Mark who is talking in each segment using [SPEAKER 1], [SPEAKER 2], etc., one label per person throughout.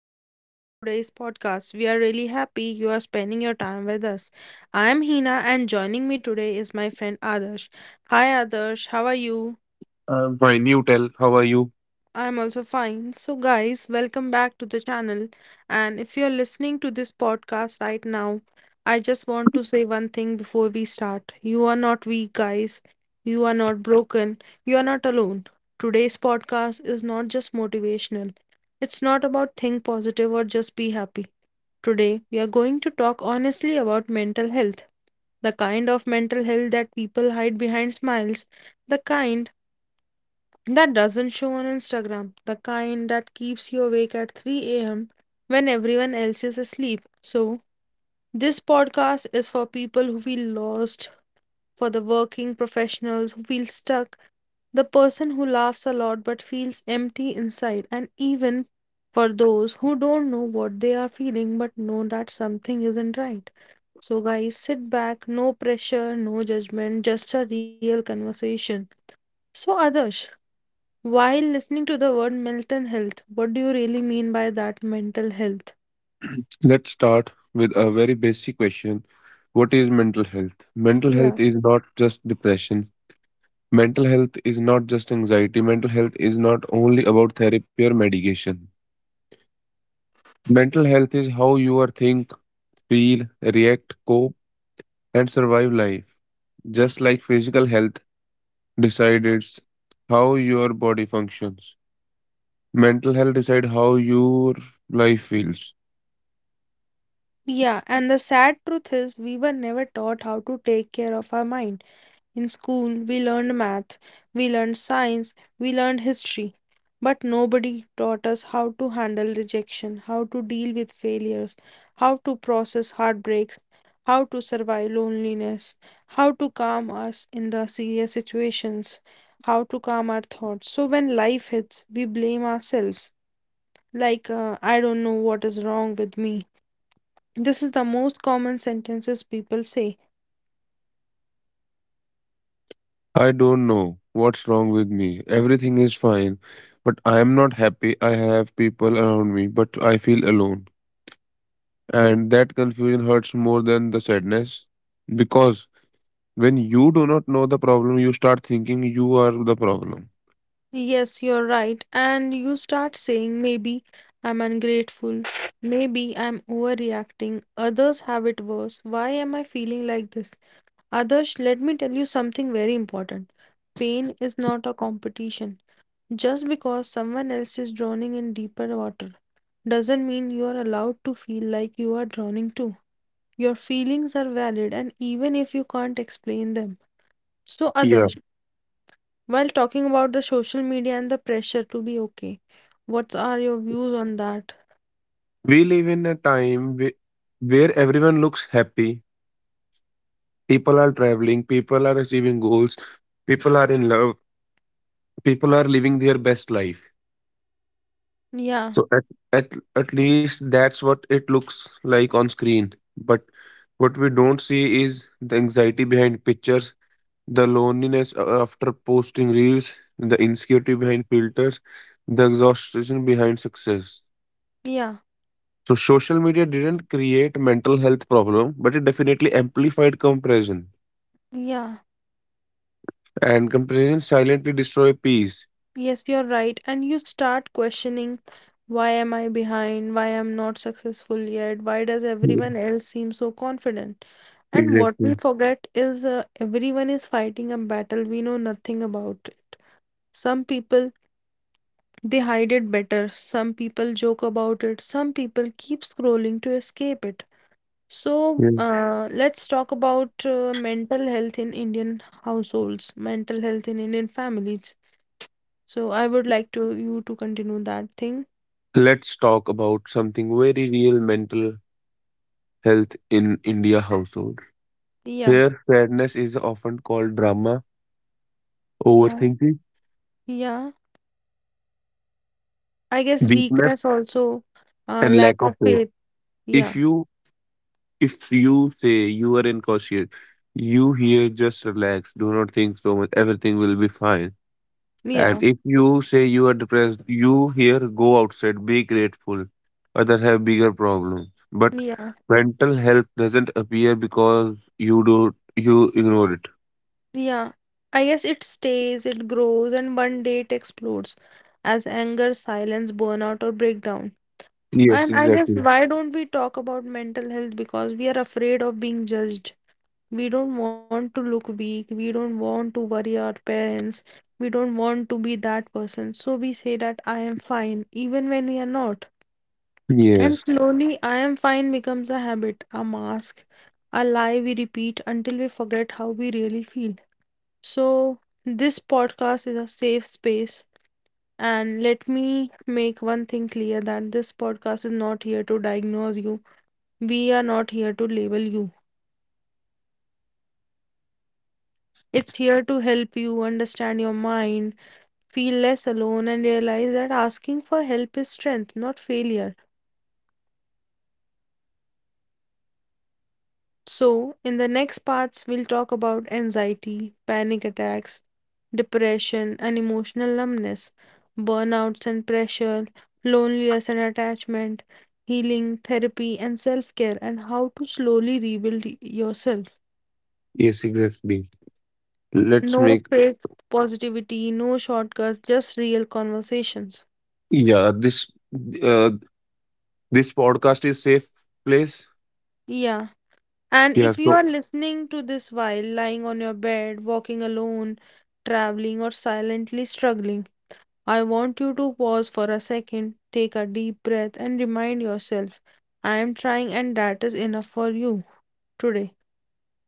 [SPEAKER 1] and welcome to today's podcast. We are really happy you are spending your time with us. I am Hina, and joining me today is my friend Adarsh. Hi, Adarsh, how are you?
[SPEAKER 2] I'm fine. You tell. How are you?
[SPEAKER 1] I'm also fine. So, guys, welcome back to the channel. And if you're listening to this podcast right now, I just want to say one thing before we start. You are not weak, guys. You are not broken. You are not alone. Today's podcast is not just motivational, it's not about think positive or just be happy. Today, we are going to talk honestly about mental health, the kind of mental health that people hide behind smiles, the kind that doesn't show on Instagram, the kind that keeps you awake at 3 a.m. when everyone else is asleep. So, this podcast is for people who feel lost, for the working professionals who feel stuck, the person who laughs a lot but feels empty inside, and even for those who don't know what they are feeling but know that something isn't right. So, guys, sit back, no pressure, no judgment, just a real conversation. So, Adarsh, while listening to the word mental health, what do you really mean by that mental health?
[SPEAKER 2] Let's start with a very basic question. What is mental health? Mental
[SPEAKER 1] Yeah.
[SPEAKER 2] health is not just depression. Mental health is not just anxiety. Mental health is not only about therapy or medication. Mental health is how you are think, feel, react, cope, and survive life. Just like physical health decides how your body functions. Mental health decides how your life feels.
[SPEAKER 1] Yeah, and the sad truth is, we were never taught how to take care of our mind. In school, we learned math, we learned science, we learned history, but nobody taught us how to handle rejection, how to deal with failures, how to process heartbreaks, how to survive loneliness, how to calm us in the serious situations, how to calm our thoughts. So when life hits, we blame ourselves. Like, I don't know what is wrong with me. This is the most common sentences people say.
[SPEAKER 2] I don't know what's wrong with me. Everything is fine, but I am not happy. I have people around me, but I feel alone. And that confusion hurts more than the sadness because when you do not know the problem, you start thinking you are the problem.
[SPEAKER 1] Yes, you're right. And you start saying, maybe I'm ungrateful. Maybe I'm overreacting. Others have it worse. Why am I feeling like this? Others, let me tell you something very important. Pain is not a competition. Just because someone else is drowning in deeper water doesn't mean you are allowed to feel like you are drowning too. Your feelings are valid, and even if you can't explain them, so
[SPEAKER 2] Yeah.
[SPEAKER 1] others. While talking about the social media and the pressure to be okay, what are your views on that?
[SPEAKER 2] We live in a time where everyone looks happy. People are traveling, people are achieving goals, people are in love, people are living their best life.
[SPEAKER 1] Yeah,
[SPEAKER 2] So at at least that's what it looks like on screen. But what we don't see is the anxiety behind pictures, the loneliness after posting reels, the insecurity behind filters, the exhaustion behind success.
[SPEAKER 1] yeah,
[SPEAKER 2] So social media didn't create mental health problem, but it definitely amplified comparison.
[SPEAKER 1] yeah.
[SPEAKER 2] And comparison silently destroy peace.
[SPEAKER 1] Yes, you're right. And you start questioning why am I behind? Why am not successful yet? Why does
[SPEAKER 2] Yeah,
[SPEAKER 1] everyone else seem so confident? And what we
[SPEAKER 2] exactly.
[SPEAKER 1] forget is everyone is fighting a battle we know nothing about. Some people they hide it better. Some people joke about it. Some people keep scrolling to escape it. So,
[SPEAKER 2] Yeah.
[SPEAKER 1] let's talk about mental health in Indian households, mental health in Indian families. So, I would like to you to continue that thing.
[SPEAKER 2] Let's talk about something very real mental health in India household.
[SPEAKER 1] Yeah,
[SPEAKER 2] Here, sadness is often called drama,
[SPEAKER 1] yeah,
[SPEAKER 2] overthinking,
[SPEAKER 1] yeah. I guess
[SPEAKER 2] weakness,
[SPEAKER 1] weakness also,
[SPEAKER 2] and lack
[SPEAKER 1] lack
[SPEAKER 2] of
[SPEAKER 1] of
[SPEAKER 2] faith.
[SPEAKER 1] faith.
[SPEAKER 2] If
[SPEAKER 1] Yeah,
[SPEAKER 2] you if you say you are incautious, you here just relax. Do not think so much. Everything will be fine. And
[SPEAKER 1] yeah,
[SPEAKER 2] if you say you are depressed, you here go outside. Be grateful. Others have bigger problems. But
[SPEAKER 1] yeah,
[SPEAKER 2] mental health doesn't appear because you ignore it.
[SPEAKER 1] yeah. I guess it stays, it grows, and one day it explodes as anger, silence, burnout, or breakdown.
[SPEAKER 2] Yes,
[SPEAKER 1] And I guess
[SPEAKER 2] exactly.
[SPEAKER 1] why don't we talk about mental health? Because we are afraid of being judged. We don't want to look weak. We don't want to worry our parents. We don't want to be that person. So we say that I am fine, even when we are not. And
[SPEAKER 2] Yes.
[SPEAKER 1] slowly, I am fine becomes a habit, a mask, a lie we repeat until we forget how we really feel. So, this podcast is a safe space. And let me make one thing clear that this podcast is not here to diagnose you. We are not here to label you. It's here to help you understand your mind, feel less alone, and realize that asking for help is strength, not failure. So, in the next parts, we'll talk about anxiety, panic attacks, depression and emotional numbness, burnouts and pressure, loneliness and attachment, healing, therapy, and self care, and how to slowly rebuild yourself.
[SPEAKER 2] Yes, exactly. Let's
[SPEAKER 1] No
[SPEAKER 2] make
[SPEAKER 1] fake positivity, no shortcuts, just real conversations.
[SPEAKER 2] yeah this uh, this podcast is safe place.
[SPEAKER 1] Yeah. And
[SPEAKER 2] Yeah.
[SPEAKER 1] if you
[SPEAKER 2] So
[SPEAKER 1] are listening to this while lying on your bed, walking alone, traveling, or silently struggling, I want you to pause for a second, take a deep breath, and remind yourself, I am trying, and that is enough for you today.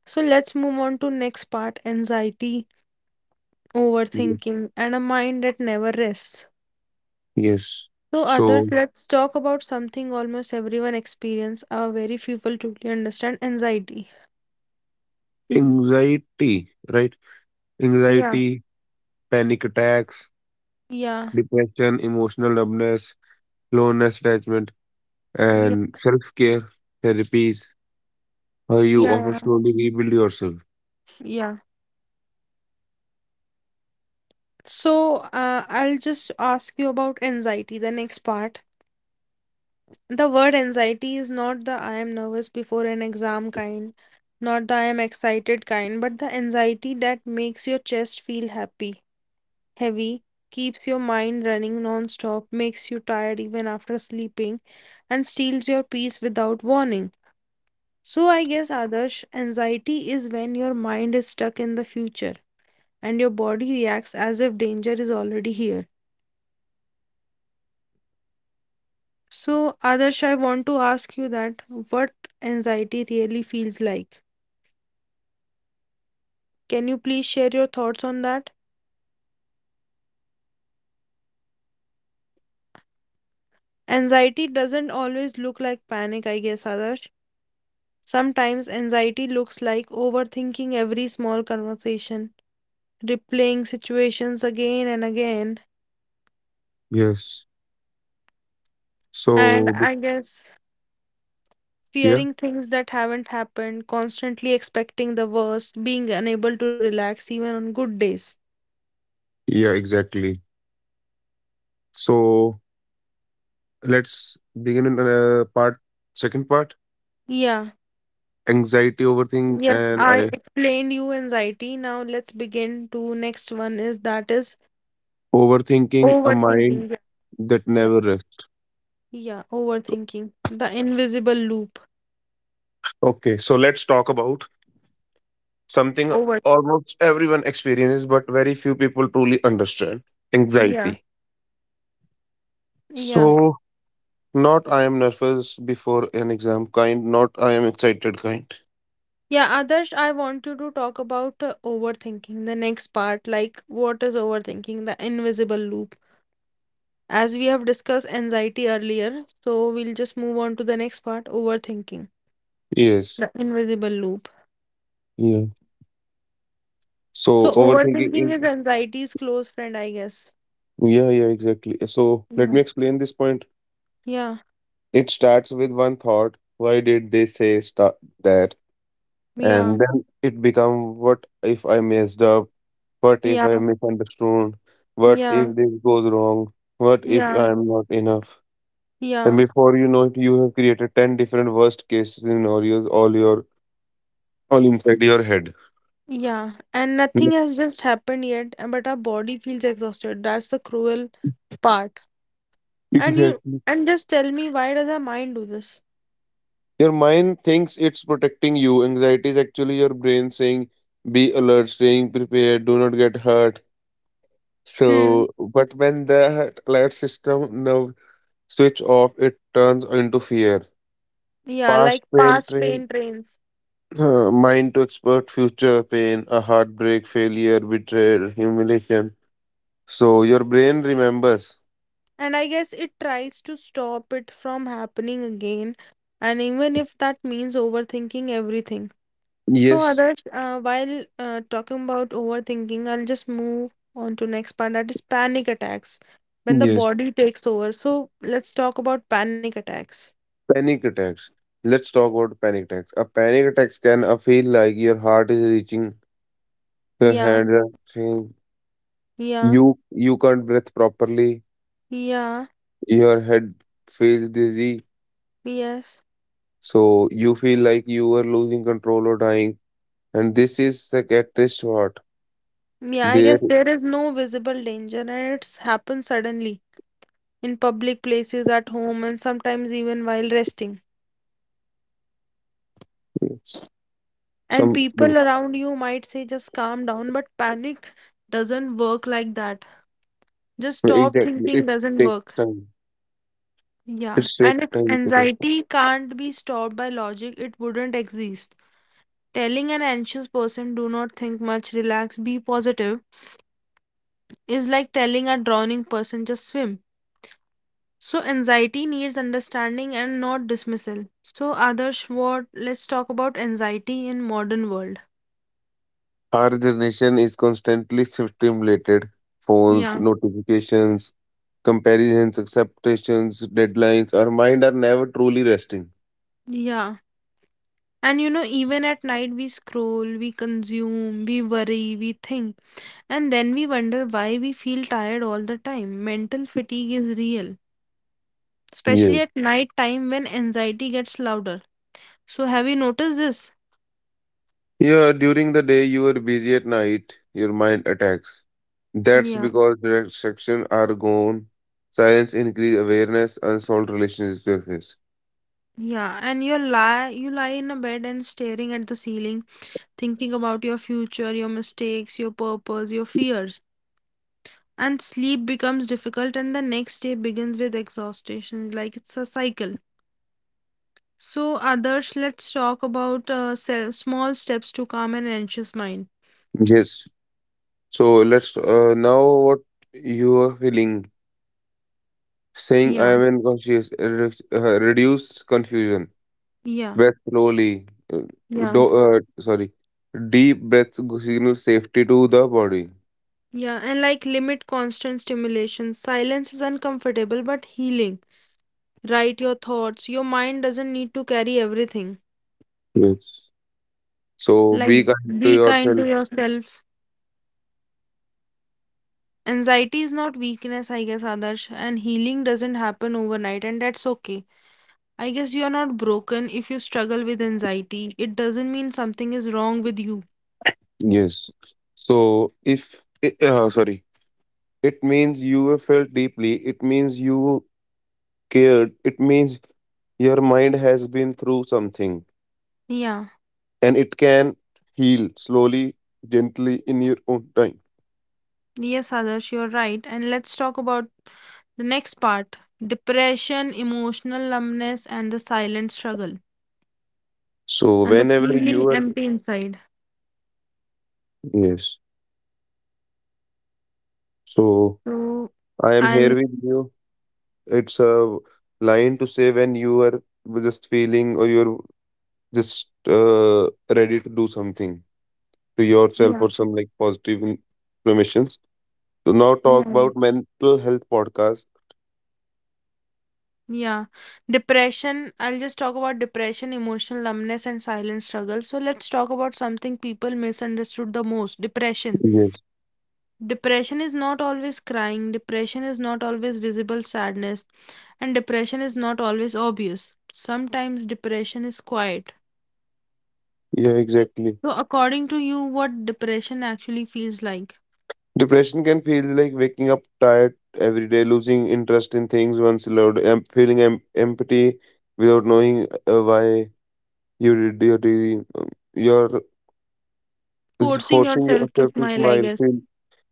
[SPEAKER 1] So let's move on to next part anxiety,
[SPEAKER 2] yeah,
[SPEAKER 1] overthinking, and a mind that never rests.
[SPEAKER 2] yes.
[SPEAKER 1] So
[SPEAKER 2] So
[SPEAKER 1] others, let's talk about something almost everyone experience. Very few people truly understand anxiety.
[SPEAKER 2] anxiety, right?
[SPEAKER 1] Yeah.
[SPEAKER 2] Anxiety, panic attacks,
[SPEAKER 1] Yeah.
[SPEAKER 2] depression, emotional numbness, loneliness attachment,
[SPEAKER 1] Yeah.
[SPEAKER 2] and self care therapies. How you often
[SPEAKER 1] Yeah.
[SPEAKER 2] slowly rebuild yourself.
[SPEAKER 1] Yeah. So, I'll just ask you about anxiety, the next part. The word anxiety is not the I am nervous before an exam kind, not the I am excited kind, but the anxiety that makes your chest feel happy, heavy, keeps your mind running non-stop, makes you tired even after sleeping, and steals your peace without warning. So, I guess, Adarsh, anxiety is when your mind is stuck in the future and your body reacts as if danger is already here. So, Adarsh, I want to ask you that what anxiety really feels like. Can you please share your thoughts on that? Anxiety doesn't always look like panic, I guess, Adarsh. Sometimes anxiety looks like overthinking every small conversation, replaying situations again and again,
[SPEAKER 2] Yes.
[SPEAKER 1] and
[SPEAKER 2] So b-
[SPEAKER 1] I guess
[SPEAKER 2] yeah,
[SPEAKER 1] fearing things that haven't happened, constantly expecting the worst, being unable to relax even on good days.
[SPEAKER 2] yeah, exactly. So let's begin in part second part
[SPEAKER 1] Yeah.
[SPEAKER 2] anxiety overthink
[SPEAKER 1] Yes,
[SPEAKER 2] and
[SPEAKER 1] I explained you anxiety. Now let's begin to next one is that is
[SPEAKER 2] overthinking a mind
[SPEAKER 1] overthinking. Yeah,
[SPEAKER 2] that
[SPEAKER 1] yeah,
[SPEAKER 2] never rests.
[SPEAKER 1] yeah, overthinking. The invisible loop.
[SPEAKER 2] Okay, so let's talk about something
[SPEAKER 1] Over.
[SPEAKER 2] almost everyone experiences, but very few people truly understand
[SPEAKER 1] Yeah,
[SPEAKER 2] anxiety.
[SPEAKER 1] yeah,
[SPEAKER 2] So, not I am nervous before an exam kind, not I am excited kind.
[SPEAKER 1] yeah. Others, I want you to talk about overthinking. The next part, like what is overthinking? The invisible loop. As we have discussed anxiety earlier, so we'll just move on to the next part, overthinking.
[SPEAKER 2] Yes.
[SPEAKER 1] The invisible loop.
[SPEAKER 2] Yeah.
[SPEAKER 1] So
[SPEAKER 2] So, overthinking
[SPEAKER 1] overthinking
[SPEAKER 2] is.
[SPEAKER 1] is anxiety's close friend, I guess.
[SPEAKER 2] Yeah, yeah, exactly. So, let
[SPEAKER 1] Yeah.
[SPEAKER 2] me explain this point.
[SPEAKER 1] Yeah.
[SPEAKER 2] It starts with one thought, why did they say start that?
[SPEAKER 1] Yeah,
[SPEAKER 2] And then it become, what if I messed up, what if
[SPEAKER 1] yeah,
[SPEAKER 2] I misunderstood, what
[SPEAKER 1] yeah,
[SPEAKER 2] if this goes wrong, what if
[SPEAKER 1] yeah,
[SPEAKER 2] I'm not enough, and
[SPEAKER 1] yeah,
[SPEAKER 2] before you know it you have created 10 different worst case scenarios all your all inside your head.
[SPEAKER 1] yeah. And nothing
[SPEAKER 2] Yeah,
[SPEAKER 1] has just happened yet, but our body feels exhausted. That's the cruel part. And you,
[SPEAKER 2] exactly,
[SPEAKER 1] and just tell me, why does our mind do this?
[SPEAKER 2] your mind thinks it's protecting you. Anxiety is actually your brain saying be alert, staying prepared, do not get hurt.
[SPEAKER 1] Hmm.
[SPEAKER 2] So but when the alert system now switch off, it turns into fear.
[SPEAKER 1] Yeah,
[SPEAKER 2] Past
[SPEAKER 1] like
[SPEAKER 2] pain
[SPEAKER 1] past
[SPEAKER 2] train.
[SPEAKER 1] pain trains.
[SPEAKER 2] Mind to expert future pain, a heartbreak, failure, betrayal, humiliation. So your brain remembers.
[SPEAKER 1] And I guess it tries to stop it from happening again. And even if that means overthinking everything. So
[SPEAKER 2] Yes,
[SPEAKER 1] others, while talking about overthinking, I'll just move on to next part that is panic attacks. When the
[SPEAKER 2] yes.
[SPEAKER 1] body takes over. So let's talk about panic attacks.
[SPEAKER 2] Panic attacks. Let's talk about panic attacks. A panic attack can feel like your heart is reaching your
[SPEAKER 1] Yeah,
[SPEAKER 2] hand. Are saying,
[SPEAKER 1] yeah,
[SPEAKER 2] you can't breathe properly.
[SPEAKER 1] yeah,
[SPEAKER 2] Your head feels dizzy.
[SPEAKER 1] yes.
[SPEAKER 2] So you feel like you are losing control or dying. And this is psychiatrist what
[SPEAKER 1] Yeah, I
[SPEAKER 2] there
[SPEAKER 1] guess there is no visible danger and it's happened suddenly in public places, at home, and sometimes even while resting. And
[SPEAKER 2] some
[SPEAKER 1] people around you might say just calm down, but panic doesn't work like that. Just stop
[SPEAKER 2] exactly.
[SPEAKER 1] thinking
[SPEAKER 2] It
[SPEAKER 1] doesn't
[SPEAKER 2] takes
[SPEAKER 1] work.
[SPEAKER 2] time. It
[SPEAKER 1] Yeah,
[SPEAKER 2] takes
[SPEAKER 1] and if
[SPEAKER 2] time to go far.
[SPEAKER 1] anxiety can't be stopped by logic, it wouldn't exist. Telling an anxious person, do not think much, relax, be positive, is like telling a drowning person, just swim. So, anxiety needs understanding and not dismissal. So, Adarsh, what? Let's talk about anxiety in modern world.
[SPEAKER 2] Our generation is constantly stimulated. Phones,
[SPEAKER 1] Yeah,
[SPEAKER 2] notifications, comparisons, acceptations, deadlines. Our mind are never truly resting.
[SPEAKER 1] yeah. And you know, even at night, we scroll, we consume, we worry, we think, and then we wonder why we feel tired all the time. Mental fatigue is real, especially
[SPEAKER 2] Yeah.
[SPEAKER 1] at night time when anxiety gets louder. So have you noticed this?
[SPEAKER 2] Yeah. During the day, you are busy. At night, your mind attacks. That's
[SPEAKER 1] Yeah,
[SPEAKER 2] because the distractions are gone. Silence increase awareness, unsolved relationships surface.
[SPEAKER 1] yeah. And you lie in a bed and staring at the ceiling, thinking about your future, your mistakes, your purpose, your fears. And sleep becomes difficult and the next day begins with exhaustion, like it's a cycle. So others, let's talk about small steps to calm an anxious mind.
[SPEAKER 2] Yes. So let's now what you are feeling, saying I
[SPEAKER 1] Yeah,
[SPEAKER 2] am unconscious reduced confusion.
[SPEAKER 1] yeah,
[SPEAKER 2] Breath slowly. uh,
[SPEAKER 1] yeah.
[SPEAKER 2] sorry. Deep breaths signal safety to the body.
[SPEAKER 1] Yeah, and like limit constant stimulation. Silence is uncomfortable but healing. Write your thoughts. Your mind doesn't need to carry everything.
[SPEAKER 2] Yes. So
[SPEAKER 1] Like
[SPEAKER 2] be kind to
[SPEAKER 1] be kind to
[SPEAKER 2] yourself.
[SPEAKER 1] yourself. Anxiety is not weakness, I guess, Adarsh, and healing doesn't happen overnight, and that's okay. I guess you are not broken if you struggle with anxiety. It doesn't mean something is wrong with you.
[SPEAKER 2] Yes. So if I- sorry, it means you have felt deeply. It means you cared. It means your mind has been through something,
[SPEAKER 1] Yeah,
[SPEAKER 2] and it can heal slowly, gently in your own time.
[SPEAKER 1] yes, Adarsh, you're right. And let's talk about the next part depression, emotional numbness, and the silent struggle
[SPEAKER 2] So
[SPEAKER 1] and the
[SPEAKER 2] whenever
[SPEAKER 1] feeling
[SPEAKER 2] you are
[SPEAKER 1] empty inside.
[SPEAKER 2] yes. So
[SPEAKER 1] So
[SPEAKER 2] I am
[SPEAKER 1] I'll
[SPEAKER 2] here with you. It's a line to say when you are just feeling or you're just ready to do something to yourself
[SPEAKER 1] yeah
[SPEAKER 2] or some like positive affirmations. So now
[SPEAKER 1] yeah,
[SPEAKER 2] talk
[SPEAKER 1] yeah.
[SPEAKER 2] about mental health podcast.
[SPEAKER 1] Yeah, depression. I'll just talk about depression, emotional numbness, and silent struggle. So, let's talk about something people misunderstood the most depression.
[SPEAKER 2] Yes.
[SPEAKER 1] Depression is not always crying, depression is not always visible sadness, and depression is not always obvious. Sometimes depression is quiet.
[SPEAKER 2] Yeah, exactly.
[SPEAKER 1] So, according to you, what depression actually feels like?
[SPEAKER 2] Depression can feel like waking up tired every day, losing interest in things once loved, feeling empty without knowing why you did your, daily- your It's
[SPEAKER 1] Forcing
[SPEAKER 2] forcing
[SPEAKER 1] yourself to
[SPEAKER 2] yourself to
[SPEAKER 1] smile, I
[SPEAKER 2] smile,
[SPEAKER 1] guess.
[SPEAKER 2] feel,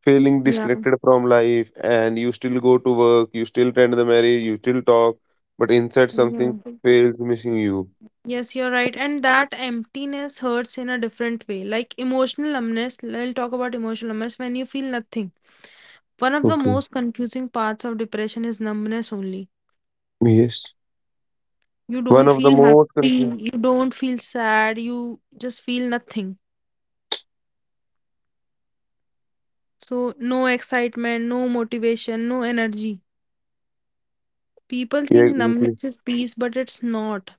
[SPEAKER 2] feeling
[SPEAKER 1] Yeah,
[SPEAKER 2] disconnected from life, and you still go to work, you still tend the marriage, you still talk, but inside
[SPEAKER 1] yeah.
[SPEAKER 2] something feels missing you.
[SPEAKER 1] Yes, you're right. And that emptiness hurts in a different way. Like emotional numbness, I'll talk about emotional numbness when you feel nothing. One of the
[SPEAKER 2] Okay.
[SPEAKER 1] most confusing parts of depression is numbness only.
[SPEAKER 2] Yes.
[SPEAKER 1] You
[SPEAKER 2] One
[SPEAKER 1] don't
[SPEAKER 2] of the
[SPEAKER 1] feel
[SPEAKER 2] most
[SPEAKER 1] happy,
[SPEAKER 2] confusing.
[SPEAKER 1] you don't feel sad, you just feel nothing. So, no excitement, no motivation, no energy. People
[SPEAKER 2] Yeah,
[SPEAKER 1] think
[SPEAKER 2] exactly.
[SPEAKER 1] numbness is peace, but it's not.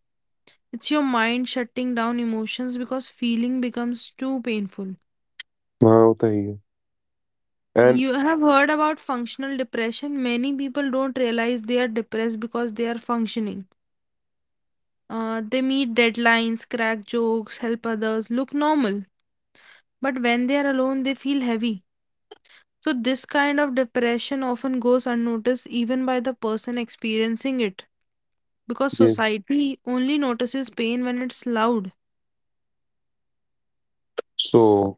[SPEAKER 1] It's your mind shutting down emotions because feeling becomes too painful.
[SPEAKER 2] हाँ, होता ही है. And
[SPEAKER 1] You have heard about functional depression. Many people don't realize they are depressed because they are functioning. They meet deadlines, crack jokes, help others, look normal. But when they are alone, they feel heavy. So, this kind of depression often goes unnoticed even by the person experiencing it because
[SPEAKER 2] yes.
[SPEAKER 1] society only notices pain when it's loud.
[SPEAKER 2] So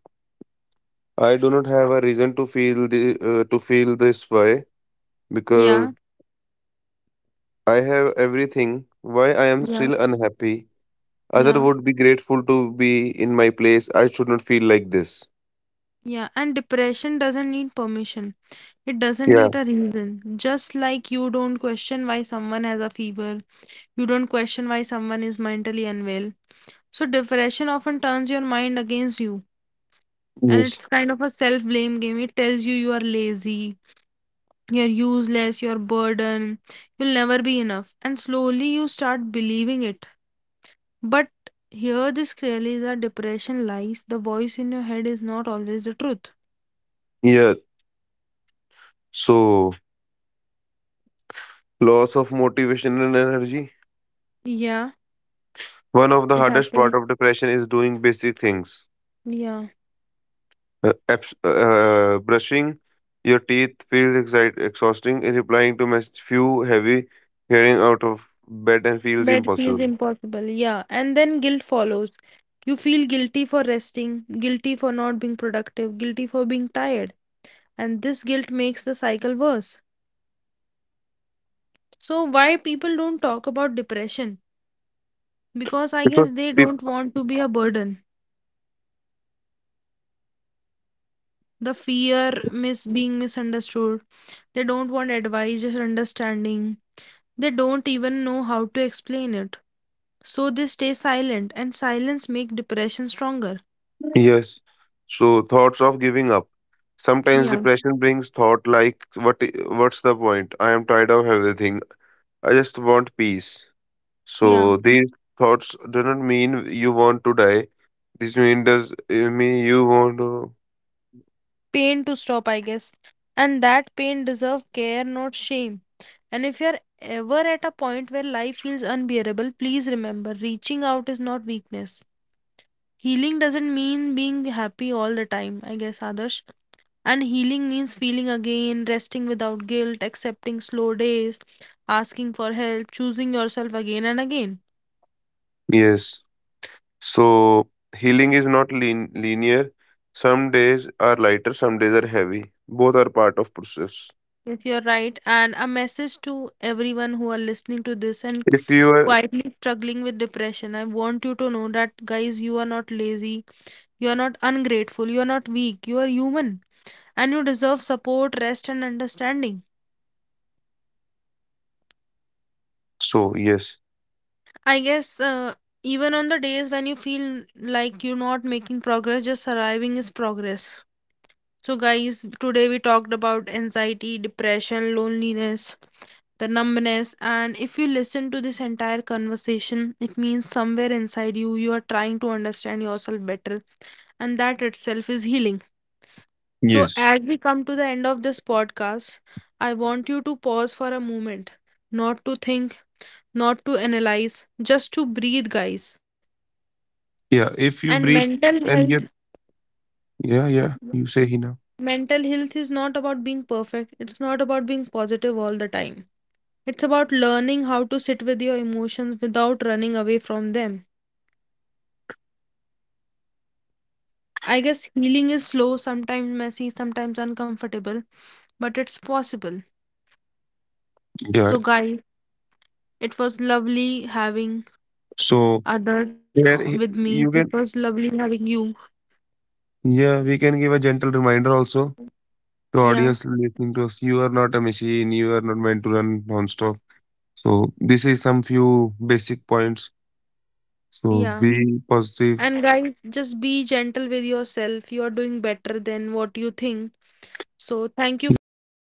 [SPEAKER 2] I do not have a reason to feel the to feel this way because
[SPEAKER 1] Yeah,
[SPEAKER 2] I have everything. Why I am
[SPEAKER 1] yeah,
[SPEAKER 2] still unhappy? Other
[SPEAKER 1] yeah,
[SPEAKER 2] would be grateful to be in my place. I should not feel like this.
[SPEAKER 1] yeah. And depression doesn't need permission. It doesn't
[SPEAKER 2] Yeah.
[SPEAKER 1] need a reason. Just like you don't question why someone has a fever, you don't question why someone is mentally unwell. So, depression often turns your mind against you. And
[SPEAKER 2] Yes.
[SPEAKER 1] it's kind of a self blame game. It tells you you are lazy, you're useless, you're burden, you'll never be enough. And slowly you start believing it. But here, this clearly is that depression lies. The voice in your head is not always the truth.
[SPEAKER 2] Yeah. So, loss of motivation and energy.
[SPEAKER 1] Yeah,
[SPEAKER 2] One of the
[SPEAKER 1] it
[SPEAKER 2] hardest part
[SPEAKER 1] happens.
[SPEAKER 2] of depression is doing basic things.
[SPEAKER 1] Yeah.
[SPEAKER 2] Brushing your teeth feels exhausting. And replying to message few heavy. Getting out of bed and feels
[SPEAKER 1] Bed feels
[SPEAKER 2] impossible
[SPEAKER 1] impossible. Yeah. And then guilt follows. You feel guilty for resting, guilty for not being productive, guilty for being tired. And this guilt makes the cycle worse. So, why people don't talk about depression? Because I
[SPEAKER 2] because
[SPEAKER 1] guess they
[SPEAKER 2] peop-
[SPEAKER 1] don't want to be a burden. The fear mis being misunderstood. They don't want advice, just understanding. They don't even know how to explain it. So they stay silent and silence make depression stronger.
[SPEAKER 2] yes. So thoughts of giving up. Sometimes
[SPEAKER 1] Yeah.
[SPEAKER 2] depression brings thought like what's the point? I am tired of everything. I just want peace.
[SPEAKER 1] Yeah.
[SPEAKER 2] So these thoughts do not mean you want to die. This mean does mean you want to
[SPEAKER 1] Pain to stop, I guess. And that pain deserves care, not shame. And if you're ever at a point where life feels unbearable, please remember reaching out is not weakness. Healing doesn't mean being happy all the time, I guess, Adarsh. And healing means feeling again, resting without guilt, accepting slow days, asking for help, choosing yourself again and again.
[SPEAKER 2] yes. So healing is not linear. Some days are lighter, some days are heavy. Both are part of process.
[SPEAKER 1] Yes, you're right. And a message to everyone who are listening to this and
[SPEAKER 2] If you are
[SPEAKER 1] quietly struggling with depression. I want you to know that, guys, you are not lazy, you are not ungrateful, you are not weak, you are human, and you deserve support, rest, and understanding.
[SPEAKER 2] so yes.
[SPEAKER 1] I guess even on the days when you feel like you're not making progress, just surviving is progress. So, guys, today we talked about anxiety, depression, loneliness, the numbness, and if you listen to this entire conversation, it means somewhere inside you, you are trying to understand yourself better, and that itself is healing. So,
[SPEAKER 2] Yes.
[SPEAKER 1] as we come to the end of this podcast, I want you to pause for a moment, not to think, not to analyze, just to breathe, guys.
[SPEAKER 2] Yeah. If
[SPEAKER 1] And
[SPEAKER 2] you breathe and you yeah, yeah. You say Hina.
[SPEAKER 1] mental health is not about being perfect, it's not about being positive all the time. It's about learning how to sit with your emotions without running away from them. I guess healing is slow, sometimes messy, sometimes uncomfortable, but it's possible.
[SPEAKER 2] Yeah.
[SPEAKER 1] So, guys, it was lovely having
[SPEAKER 2] So
[SPEAKER 1] others
[SPEAKER 2] there
[SPEAKER 1] with
[SPEAKER 2] he-
[SPEAKER 1] me. It
[SPEAKER 2] you can
[SPEAKER 1] was lovely having you.
[SPEAKER 2] yeah, we can give a gentle reminder also. The
[SPEAKER 1] Yeah,
[SPEAKER 2] audience listening to us, you are not a machine, you are not meant to run non-stop. So this is some few basic points. So
[SPEAKER 1] yeah.
[SPEAKER 2] be positive.
[SPEAKER 1] And, guys, just be gentle with yourself. You are doing better than what you think. So, thank you
[SPEAKER 2] You
[SPEAKER 1] for
[SPEAKER 2] are
[SPEAKER 1] listening.